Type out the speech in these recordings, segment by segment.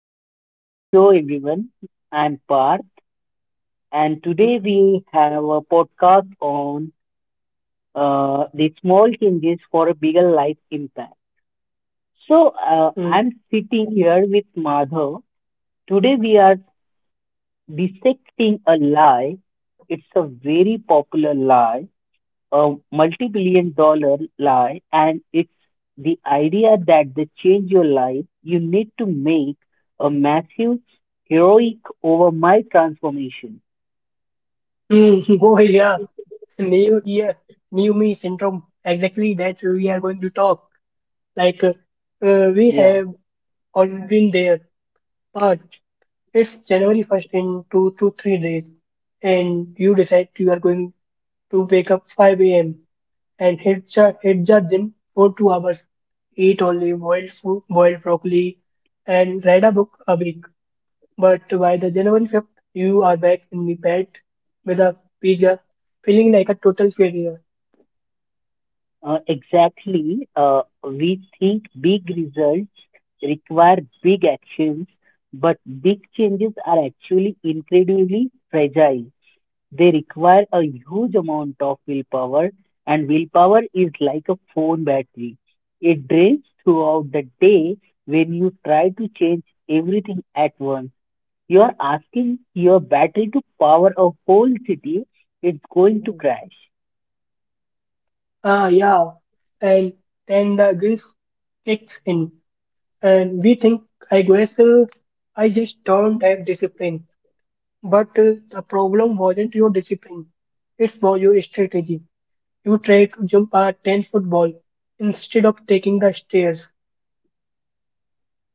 Welcome to the show, everyone. I'm Parth, and today we have a podcast on the small changes for a bigger life impact. So, Mm. I'm sitting here with Madhav. Today, we are dissecting a lie. It's a very popular lie, a multi-billion dollar lie, and it's the idea that they change your life you need to make a massive, heroic, over my transformation. Go yeah, new year, new me syndrome. Exactly that we are going to talk. Like we Yeah, have all been there, but it's January first in 2 to 3 days, and you decide you are going to wake up 5 a.m. and hit the gym for 2 hours, eat only boiled food, boiled broccoli, and read a book a week. But by the January 5th, you are back in the bed with a pizza, feeling like a total failure. exactly, we think big results require big actions, but big changes are actually incredibly fragile. They require a huge amount of willpower, and willpower is like a phone battery. It drains throughout the day when you try to change everything at once. You are asking your battery to power a whole city, it's going to Mhm. crash. Ah, yeah. And then the guilt kicks in, and we think, I guess I just don't have discipline. But the problem wasn't your discipline, it was your strategy. You tried to jump a 10-foot ball instead of taking the stairs.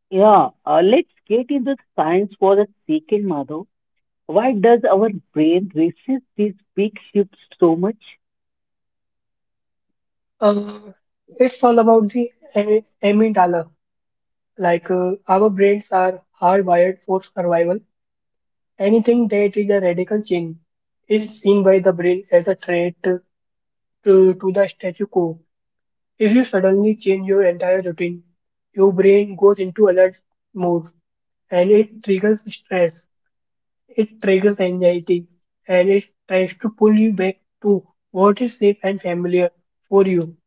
Yeah, let's get into the science for a second, Madhav. Why does our brain resist these big shifts so much? Uh, it's all about the amygdala. Like our brains are hardwired for survival. Anything that is a radical change is seen by the brain as a threat to the status quo. If you suddenly change your entire routine, your brain goes into alert mode and it triggers stress, it triggers anxiety, and it tries to pull you back to what is safe and familiar for you.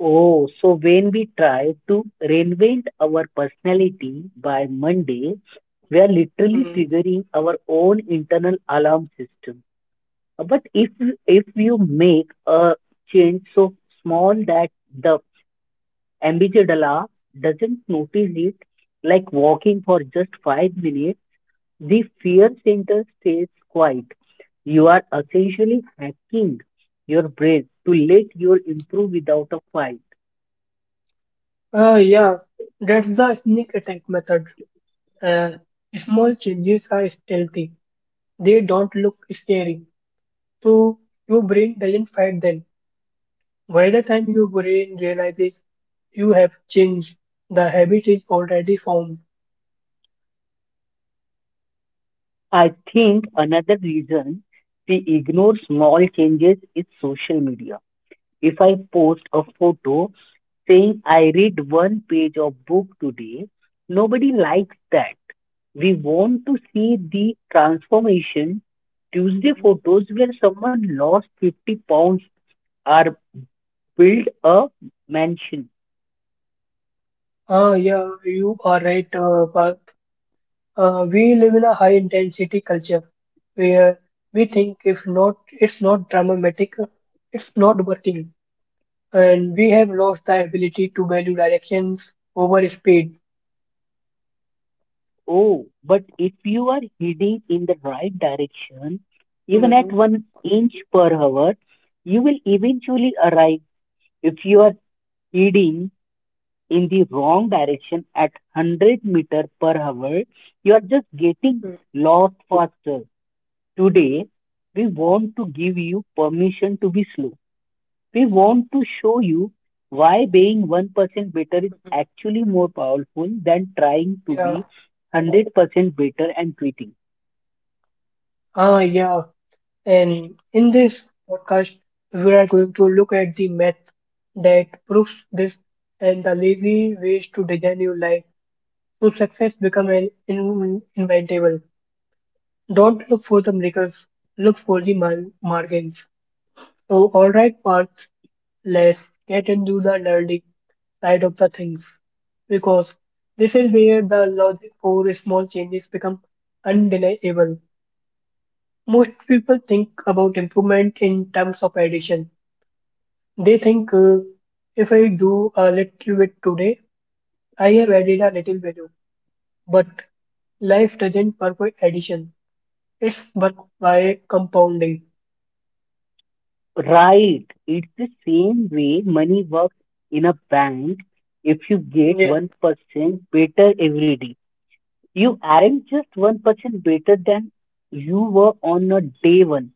Oh, so when we try to reinvent our personality by Monday, we are literally Mm. triggering our own internal alarm system. But if you make a change so small that the amygdala doesn't notice it, like walking for just 5 minutes, the fear center stays quiet. You are essentially hacking your brain to let your improve without a fight. Yeah, that's the sneak attack method. Uh, Small changes are stealthy. They don't look scary, so your brain doesn't fight them. By the time your brain realizes you have changed, the habit is already formed. I think another reason we ignore small changes is social media. If I post a photo saying I read one page of book today, nobody likes that. We want to see the transformation. Tuesday Mhm. photos where someone lost 50 pounds or built a mansion. Ah, yeah, you are right, Parth. We live in a high intensity culture where we think if not, it's not dramatic, it's not working, and we have lost the ability to value directions over speed. Oh, but if you are heading in the right direction, even Mhm. at one inch per hour, you will eventually arrive. If you are heading in the wrong direction at 100 meter per hour, you are just getting Mhm. lost faster. Today, we want to give you permission to be slow. We want to show you why being 1% better is actually more powerful than trying to Yeah. be 100% better and quitting. Ah, yeah. And in this podcast, we are going to look at the math that proves this and the lazy ways to design your life so success become an inventable. Don't look for the miracles, look for the margins. So, alright, Parth, let's get into the nerdy side of the things because this is where the logic for small changes become undeniable. Most people think about improvement in terms of addition. They think if I do a little bit today, I have added a little value. But life doesn't work by addition, it's work by compounding. Right. It's the same way money works in a bank. If you get Yeah, 1% better every day, you aren't just 1% better than you were on a day one.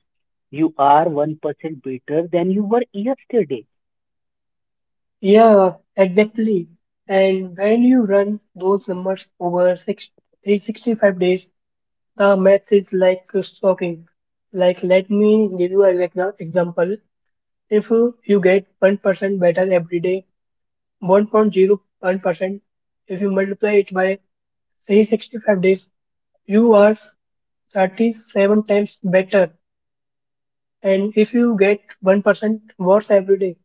You are 1% better than you were yesterday. yeah, exactly. And when you run those numbers over 365 days, the math is like shocking. Like, let me give you an example. If you get 1% better every day, 1.01%, if you multiply it by 365 days, you are 37 times better. And if you get 1% worse every day,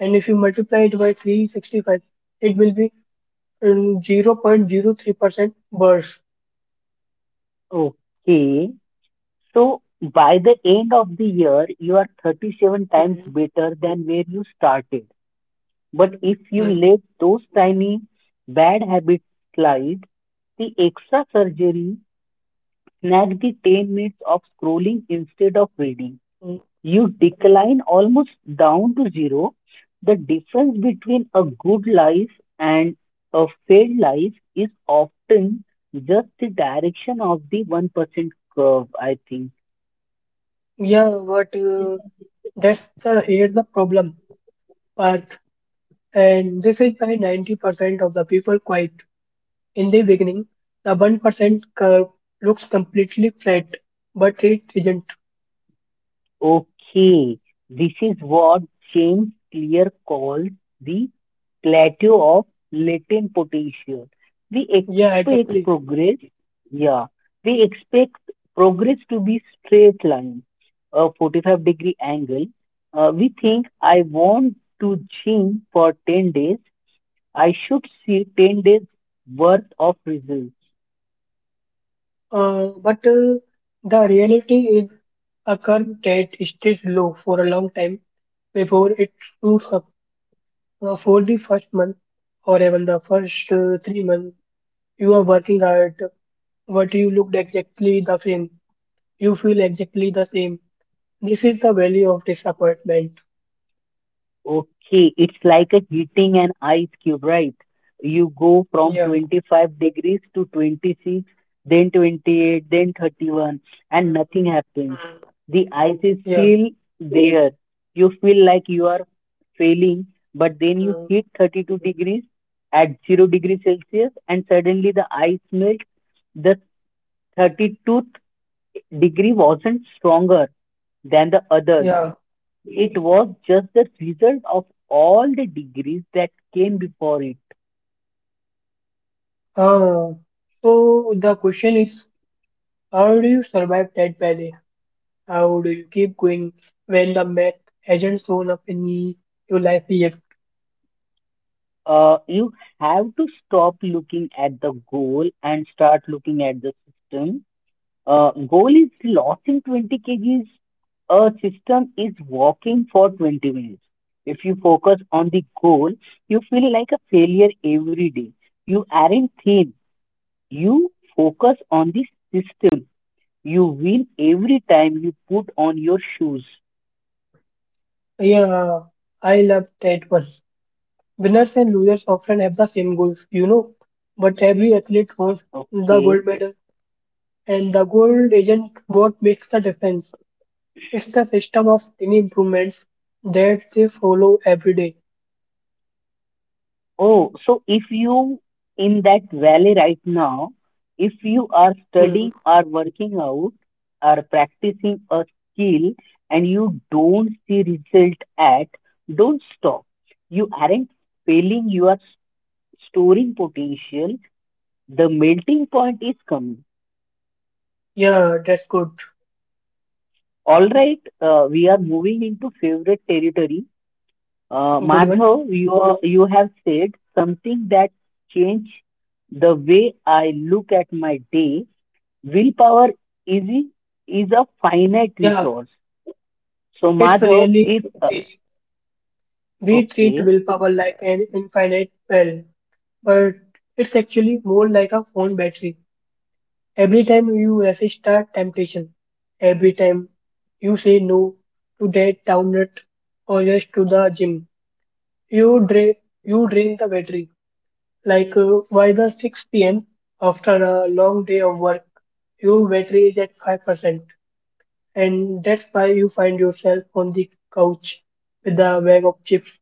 and if you multiply it by 365, it will be 0.03% worse. Okay. So by the end of the year, you are 37 times Mhm. better than where you started. But if you Mm, let those tiny bad habits slide, the extra surgery snag the 10 minutes of scrolling instead of reading. mm. You decline almost down to zero. The difference between a good life and a failed life is often just the direction of the 1% curve, I think. Yeah, but that's the here's the problem, Parth. And this is why 90% of the people quit in the beginning. The 1% curve looks completely flat, but it isn't. Okay, this is what James Clear calls the plateau of latent potential. We Yeah, expect exactly. progress, yeah, we expect progress to be straight line, a 45-degree angle. We think I want to gym for 10 days. I should see 10 days worth of results. But the reality is a curve that stays low for a long time before it shoots up. For the first month or even the first 3 months, you are working hard, but you looked exactly the same. You feel exactly the same. This is the value of disappointment. Okay, it's like a heating an ice cube, right? You go from Yeah. 25 degrees to 26, then 28, then 31, and nothing happens. The ice is Yeah. still there. You feel like you are failing, but then you hit 32 degrees at 0 degrees Celsius, and suddenly the ice melts. The 32 degree wasn't stronger than the other. Yeah. It was just the result of all the degrees that came before it. Uh, so the question is, how do you survive that valley? How do you keep going when the math hasn't shown up in your life yet? You have to stop looking at the goal and start looking at the system. Goal is losing 20 kgs. A system is walking for 20 minutes. If you focus on the goal, you feel like a failure every day. You aren't thin. You focus on the system. You win every time you put on your shoes. Yeah, I love that one. Winners and losers often have the same goals, but every athlete wants the Okay. gold medal, and the gold isn't what makes the difference. It's the system of tiny improvements that they follow every day. Oh, so if you in that valley right now, if you are Mm, studying or working out or practicing a skill and you don't see result at, don't stop. You aren't failing, you are storing potential. The melting point is coming. yeah, that's good. All right, we are moving into favorite territory. Uh, Good one. Madhav, you, you have said something that changed the way I look at my day. Willpower is, a- is a finite Yeah, resource. So, it's Madhav, really if, this. We treat okay, willpower like an infinite well. But it's actually more like a phone battery. Every time you resist a temptation, every time you say no to that download or just to the gym, you drain you drain the battery. Like by the 6 p.m. after a long day of work, your battery is at 5%, and that's why you find yourself on the couch with a bag of chips.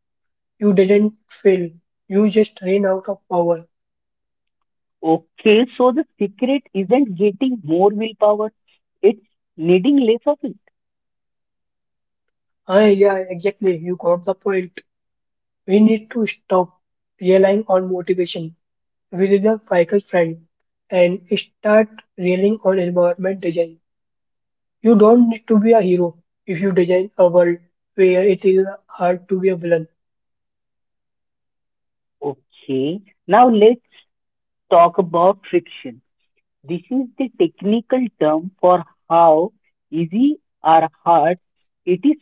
You didn't fail. You just ran out of power. okay, so the secret isn't getting more willpower, it's needing less of it. Yeah, exactly. You got the point. We need to stop relying on motivation, which is a fickle friend, and start relying on environment design. You don't need to be a hero if you design a world where it is hard to be a villain. Okay, now let's talk about friction. This is the technical term for how easy or hard it is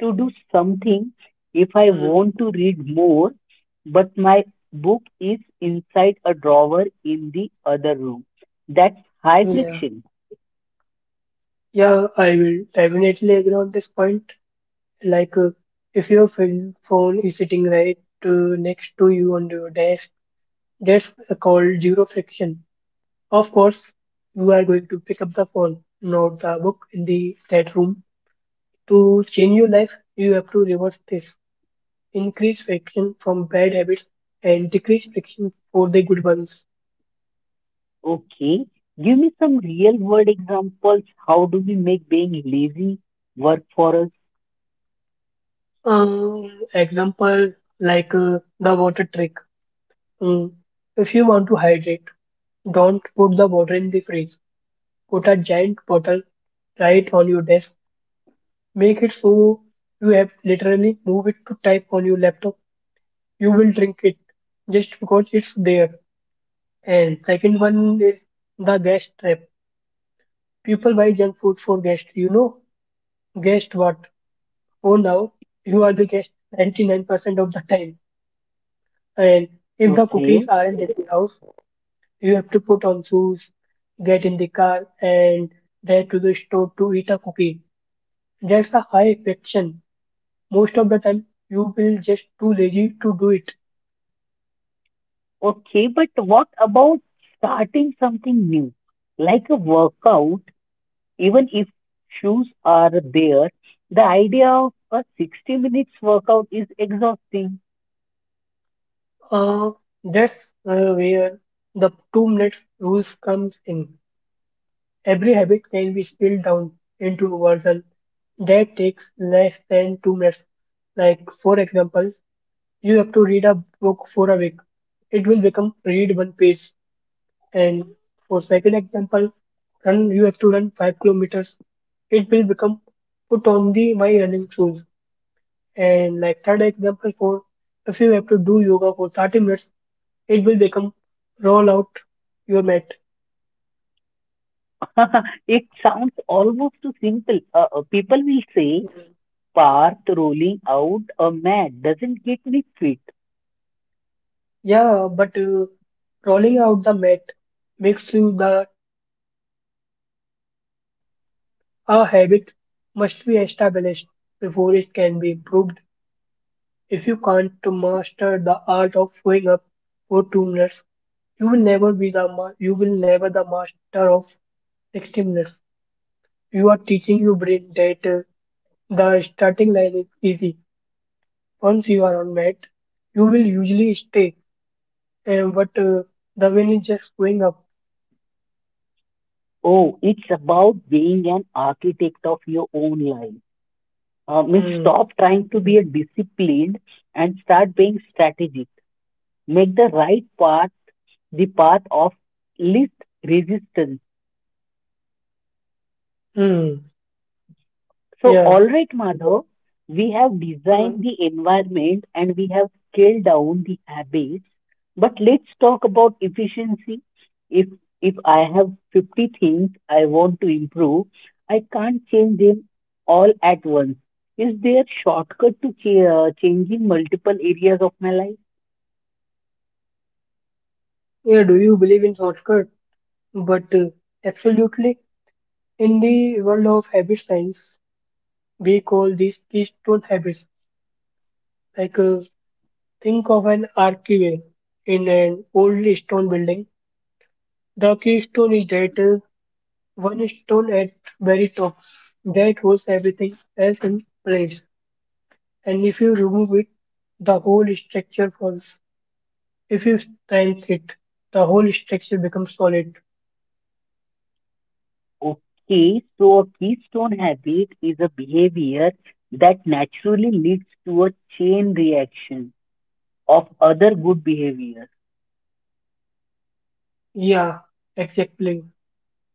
to do something. If I Mm, want to read more, but my book is inside a drawer in the other room, that's high yeah, friction. yeah, I will definitely agree on this point. Like, if your phone is sitting right next to you on your desk, that's called zero friction. Of course, you are going to pick up the phone, not the book in the that room. To change your life, you have to reverse this. Increase friction from bad habits and decrease friction for the good ones. Okay, give me some real world examples. How do we make being lazy work for us? Example, like the water trick. Mm, If you want to hydrate, don't put the water in the fridge. Put a giant bottle right on your desk. Make it so you have literally move it to type on your laptop. You will drink it just because it's there. And second one is the gas trap. People buy junk food for gas. Guessed what? Oh, now you are the guest 99% of the time. And if the Okay, cookies aren't in the house, you have to put on shoes, get in the car, and head to the store to eat a cookie. That's a high friction. Most of the time, you will just too lazy to do it. okay, but what about starting something new? Like a workout. Even if shoes are there, the idea of a 60 minutes workout is exhausting. Uh, that's where the 2 minute rules comes in. Every habit can be spilled down into a version that takes less than 2 minutes. Like for example, you have to read a book for a week. It will become read one page. And for second example, run you have to run 5 kilometers. It will become put on the my running shoes. And like third example for if you have to do yoga for 30 minutes, it will become roll out your mat. It sounds almost too simple. People will say, Parth rolling out a mat doesn't get me fit. Yeah, but rolling out the mat makes you the type of person who does yoga. A habit must be established before it can be improved. If you can't to master the art of showing up for 2 minutes, you will never the master of 60 minutes. You are teaching your brain that the starting line is easy. Once you are on mat, you will usually stay. And but the win is just going up. Oh, it's about being an architect of your own life. Means Mm, Stop trying to be a disciplined and start being strategic. Make the right path the path of least resistance. mm, So, yeah, all right, Madhav, we have mm, designed the environment and we have scaled down the habits, but let's talk about efficiency. If if I have 50 things I want to improve, I can't change them all at once. Is there a shortcut to changing multiple areas of my life? yeah. Do you believe in shortcut? But absolutely, in the world of habit science, we call these keystone habits. Like think of an archway in an old stone building. The keystone is that one stone at very top that holds everything else in place. And if you remove it, the whole structure falls. If you strengthen it, the whole structure becomes solid. Okay, so a keystone habit is a behavior that naturally leads to a chain reaction of other good behaviors. Yeah, exactly.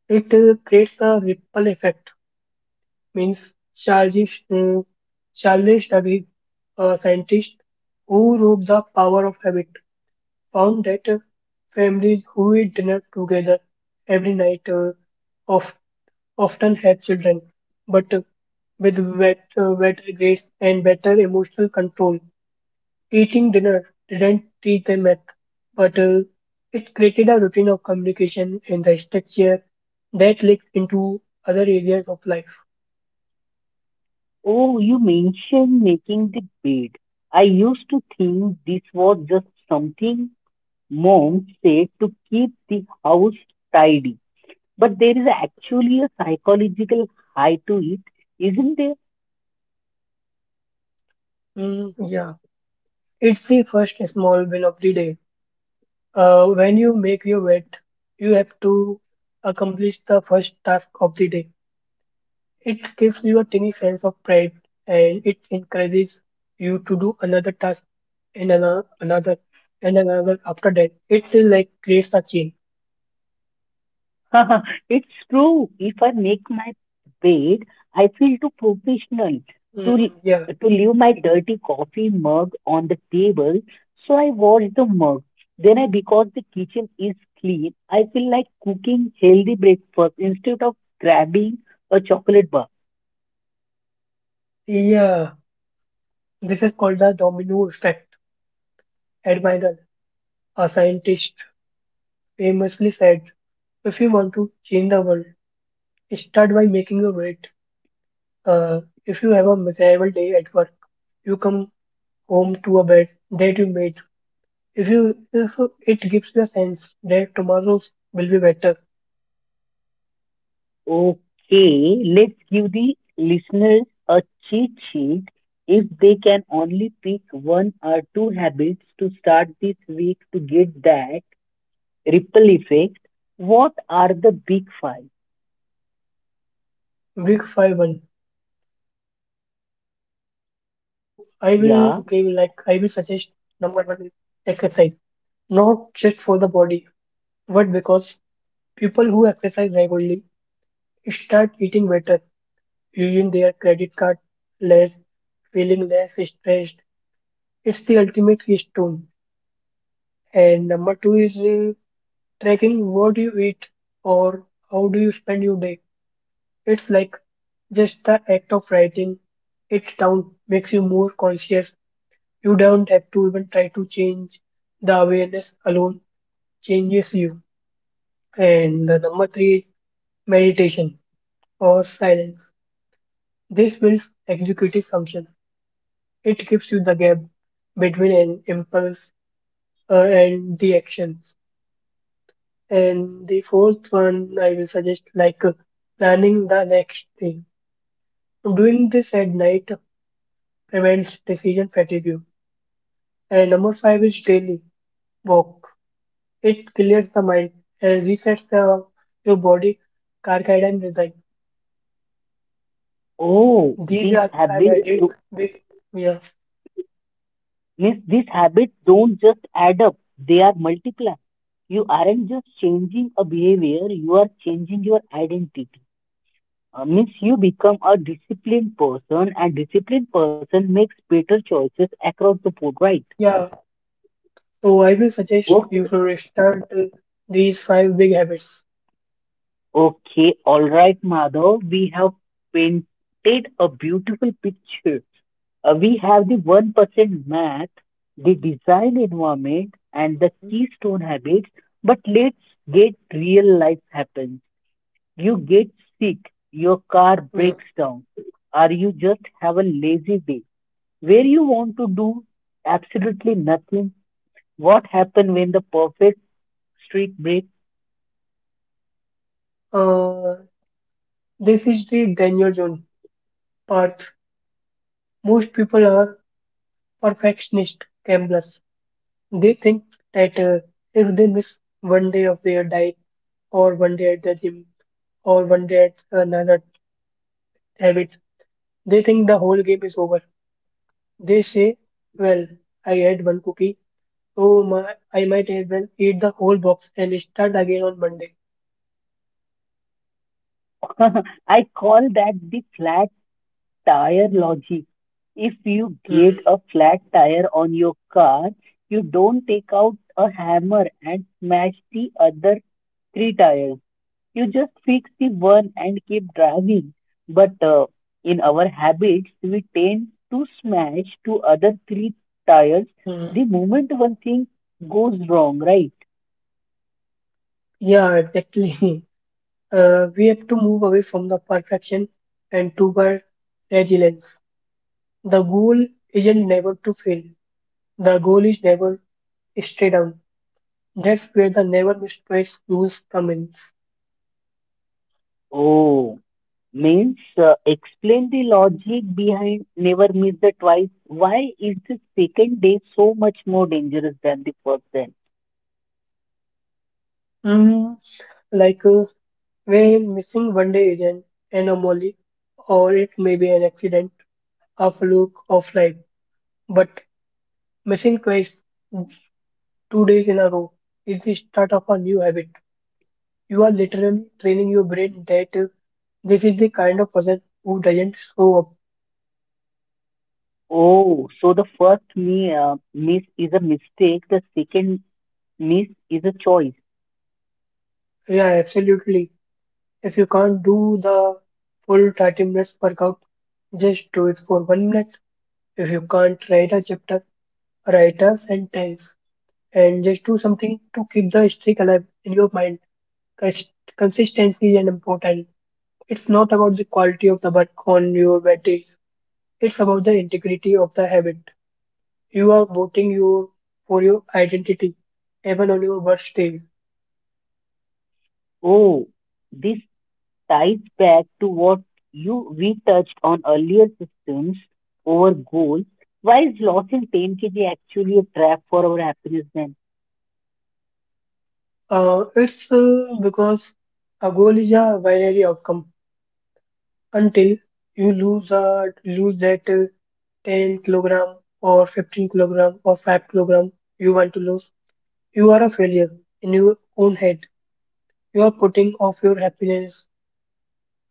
It creates a ripple effect. Means uh, Charles Duhigg, a scientist who wrote The Power of Habit, found that families who eat dinner together every night of, often have children, but with better grades and better emotional control. Eating dinner didn't teach them math, but it created a routine of communication and the structure that leaked into other areas of life. Oh, you mentioned making the bed. I used to think this was just something mom said to keep the house tidy. But there is actually a psychological high to it, isn't there? Mm, yeah, it's the first small win of the day. When you make your bed, you have to accomplish the first task of the day. It gives you a tiny sense of pride and it encourages you to do another task and another and another after that. It is like creates a chain. It's true. If I make my bed, I feel too professional to Mm, yeah, to leave my dirty coffee mug on the table. So I wash the mug. Then I, because the kitchen is clean, I feel like cooking healthy breakfast instead of grabbing a chocolate bar. yeah. This is called the domino effect. Admiral, a scientist, famously said, "If you want to change the world, start by making your bed." Uh, if you have a miserable day at work, you come home to a bed that you made. If it gives you a sense that tomorrow will be better. Okay, let's give the listeners a cheat sheet if they can only pick one or two habits to start this week to get that ripple effect. What are the big five? Week five one. So I will give like I will Yeah. suggest number one is exercise. Not just for the body, but because people who exercise regularly start eating better, using their credit card less, feeling less stressed. It's the ultimate keystone. And number two is tracking what you eat or how do you spend your day. It's like just the act of writing it down makes you more conscious. You don't have to even try to change. The awareness alone changes you. And the number three is meditation or silence. This builds executive function. It gives you the gap between an impulse and the actions. And the fourth one I will suggest like planning the next day. Doing this at night prevents decision fatigue. And number five is daily walk. It clears the mind and resets your body, carcass and design. Oh, These these are the five I habits did. do, Big, yeah, means these habits don't just add up; they are multiply. You aren't just changing a behavior; you are changing your identity. Means You become a disciplined person, and disciplined person makes better choices across the board, right? yeah. So I will suggest you to start these five big habits. Okay, all right, Madhav. We have painted a beautiful picture. We have the 1% math, the design environment, and the keystone habits. But let's get real, life happens. You get sick, your car Mm. breaks down, or you just have a lazy day where you want to do absolutely nothing. What happens when the perfect streak breaks? Uh, this is the danger zone part. Most people are perfectionist gamblers. They think that if they miss 1 day of their diet, or 1 day at the gym, or 1 day at another habits. They think the whole game is over. They say, well, I had one cookie, so my, I might as well eat the whole box and start again on Monday. I call that the flat tire logic. If you Hmm, get a flat tire on your car, you don't take out a hammer and smash the other three tires. You just fix the one and keep driving. But in our habits, we tend to smash to other three tires hmm. the moment one thing goes wrong, right? Yeah, exactly. We have to move away from the perfection and toward resilience. The goal isn't never to fail. The goal is never stay down. That's where the never miss twice rules come in. Oh. Means Explain the logic behind never miss the twice. Why is the second day so much more dangerous than the first day? Hmm, Like where missing 1 day is an anomaly or it may be an accident, a fluke of life. But missing twice, 2 days in a row, is the start of a new habit. You are literally training your brain that this is the kind of person who doesn't show up. Oh, so the first miss is a mistake, the second miss is a choice. Yeah, absolutely. If you can't do the full 30 minutes workout, just do it for 1 minute. If you can't write a chapter, write a sentence and just do something to keep the streak alive in your mind. Cons- Consistency is important. It's not about the quality of the work on your batteries. It's about the integrity of the habit. You are voting your for your identity, even on your worst day. Oh, this ties back to what you we touched on earlier, systems over goals. Why is loss in 10 kg actually a trap for our happiness then? It's because a goal is a binary outcome until you lose that 10 kilogram or 15 kilogram or 5 kilogram you want to lose. You are a failure in your own head. You are putting off your happiness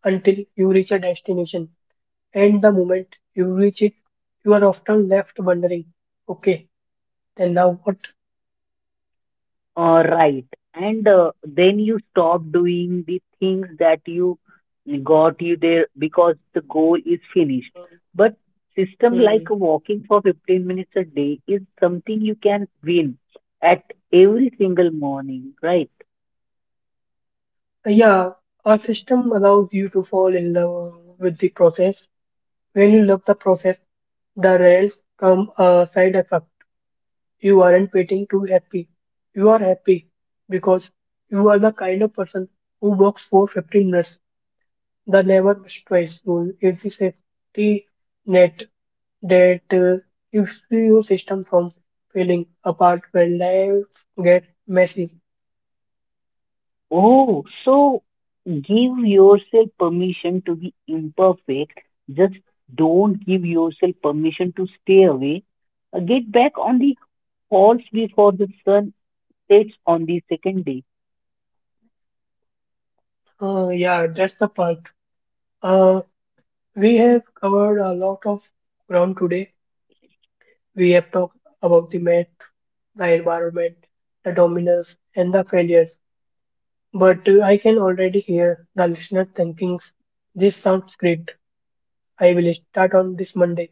until you reach a destination. And the moment you reach it, you are often left wondering, okay, then now what? Right. And then you stop doing the things that you got you there because the goal is finished. But system like Hmm. walking for 15 minutes a day is something you can win at every single morning, right? Yeah, our system allows you to fall in love with the process. When you love the process, the results come a side effect. You aren't waiting to happy. You are happy because you are the kind of person who works for 15 minutes. The never stress rule is the safety net that keeps your system from falling apart when life gets messy. Oh, so give yourself permission to be imperfect. Just don't give yourself permission to stay away. Get back on the horse before the sun sets on the second day. Yeah, that's the part. Uh, we have covered a lot of ground today. We have talked about the math, the environment, the dominance, and the failures. But I can already hear the listeners thinking, this sounds great. I will start on this Monday,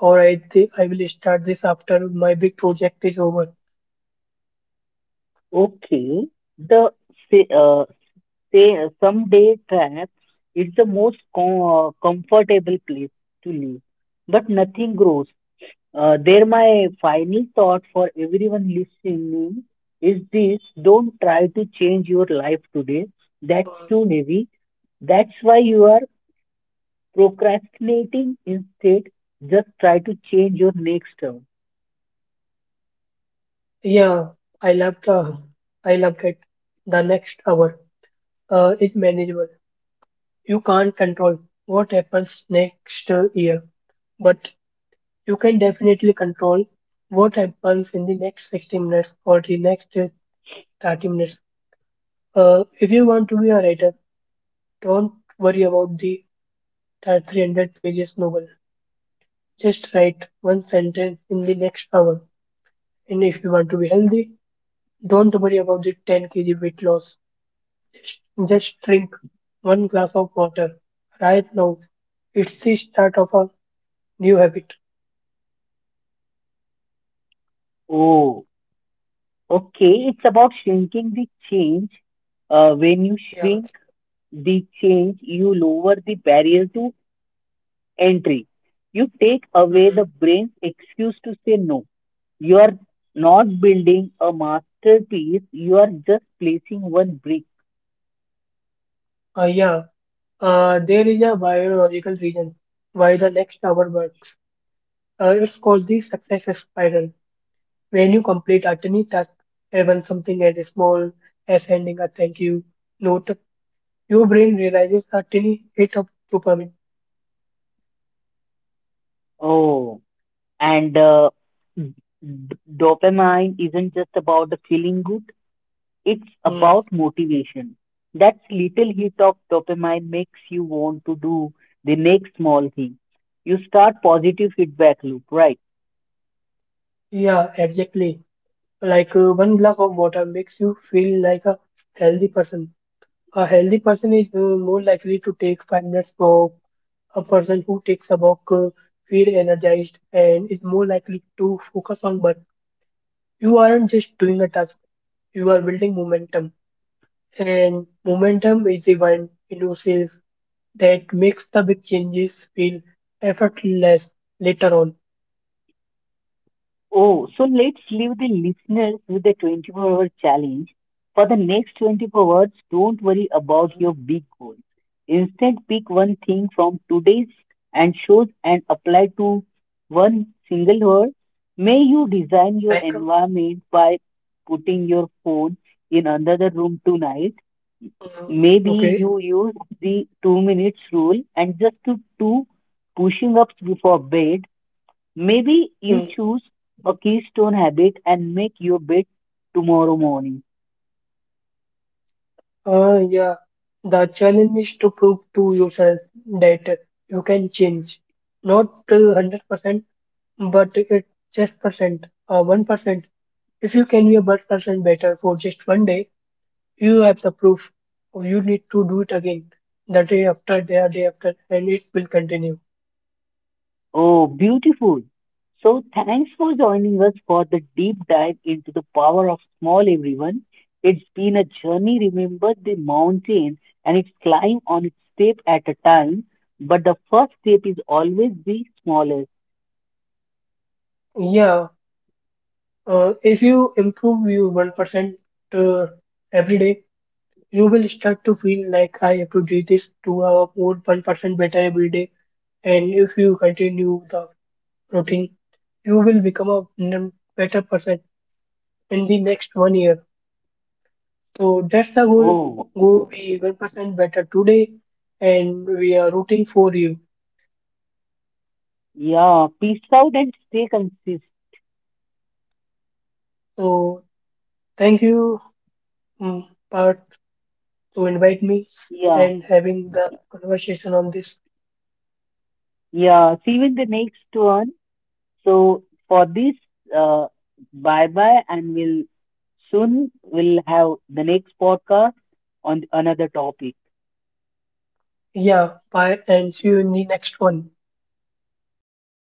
or I will start this after my big project is over. Okay, the say, say someday trap is the most comfortable place to live, but nothing grows. My final thought for everyone listening is this: don't try to change your life today. That's too heavy. That's why you are procrastinating. Instead, just try to change your next turn. Yeah, I loved uh, I loved it. The next hour is manageable. You can't control what happens next year, but you can definitely control what happens in the next 60 minutes or the next 30 minutes. If you want to be a writer, don't worry about the 300 pages novel. Just write one sentence in the next hour. And if you want to be healthy, don't worry about the 10 kg weight loss. Just drink one glass of water right now. It's the start of a new habit. Oh, okay. It's about shrinking the change. When you Yeah. shrink the change, you lower the barrier to entry. You take away Mm. the brain's excuse to say no. You are not building a masterpiece, you are just placing one brick. Uh, yeah, there is a biological reason why the next hour works. It's called the success spiral. When you complete a tiny task, even something as small as handing a thank you note, your brain realizes a tiny hit of dopamine. Oh, and d- dopamine isn't just about the feeling good, it's Mm. about motivation. That little hit of dopamine makes you want to do the next small thing. You start positive feedback loop, right? Yeah, exactly. Like one glass of water makes you feel like a healthy person. A healthy person is more likely to take 5 minutes walk. A person who takes a walk feel energized and is more likely to focus on work. You aren't just doing a task; you are building momentum, and momentum is the one in yourself that makes the big changes feel effortless later on. Oh, so let's leave the listeners with a 24-hour challenge. For the next 24 hours, don't worry about Mhm. your big goals. Instead, pick one thing from today's and shows and apply to one single hour. May you design your Like, environment by putting your phone in another room tonight. uh, Maybe okay, you use the 2 minutes rule and just do two pushing ups before bed. Maybe you mm, choose a keystone habit and make your bed tomorrow morning. Yeah. The challenge is to prove to yourself that you can change. Not 100% but it just percent 1% if you can be a 1% better for just 1 day you have the proof you need to do it again the day after and it will continue Oh, beautiful. So, thanks for joining us for the deep dive into the power of small everyone. It's been a journey. Remember the mountain and its climb on its step at a time, but the first step is always the smallest. yeah if you improve you 1% uh, every day you will start to feel like I have to do this to have more 1% better every day and if you continue the routine you will become a better person in the next 1 year So that's the goal. Oh, Go be 1% better today, and we are rooting for you. yeah. Peace out and stay consistent. So thank you, mm, Parth, to invite me Yeah. and having the conversation on this. Yeah. See you in the next one. So for this, uh, bye bye, and we'll soon we'll have the next podcast on another topic. Yeah, bye, and see you in the next one. Yeah, thank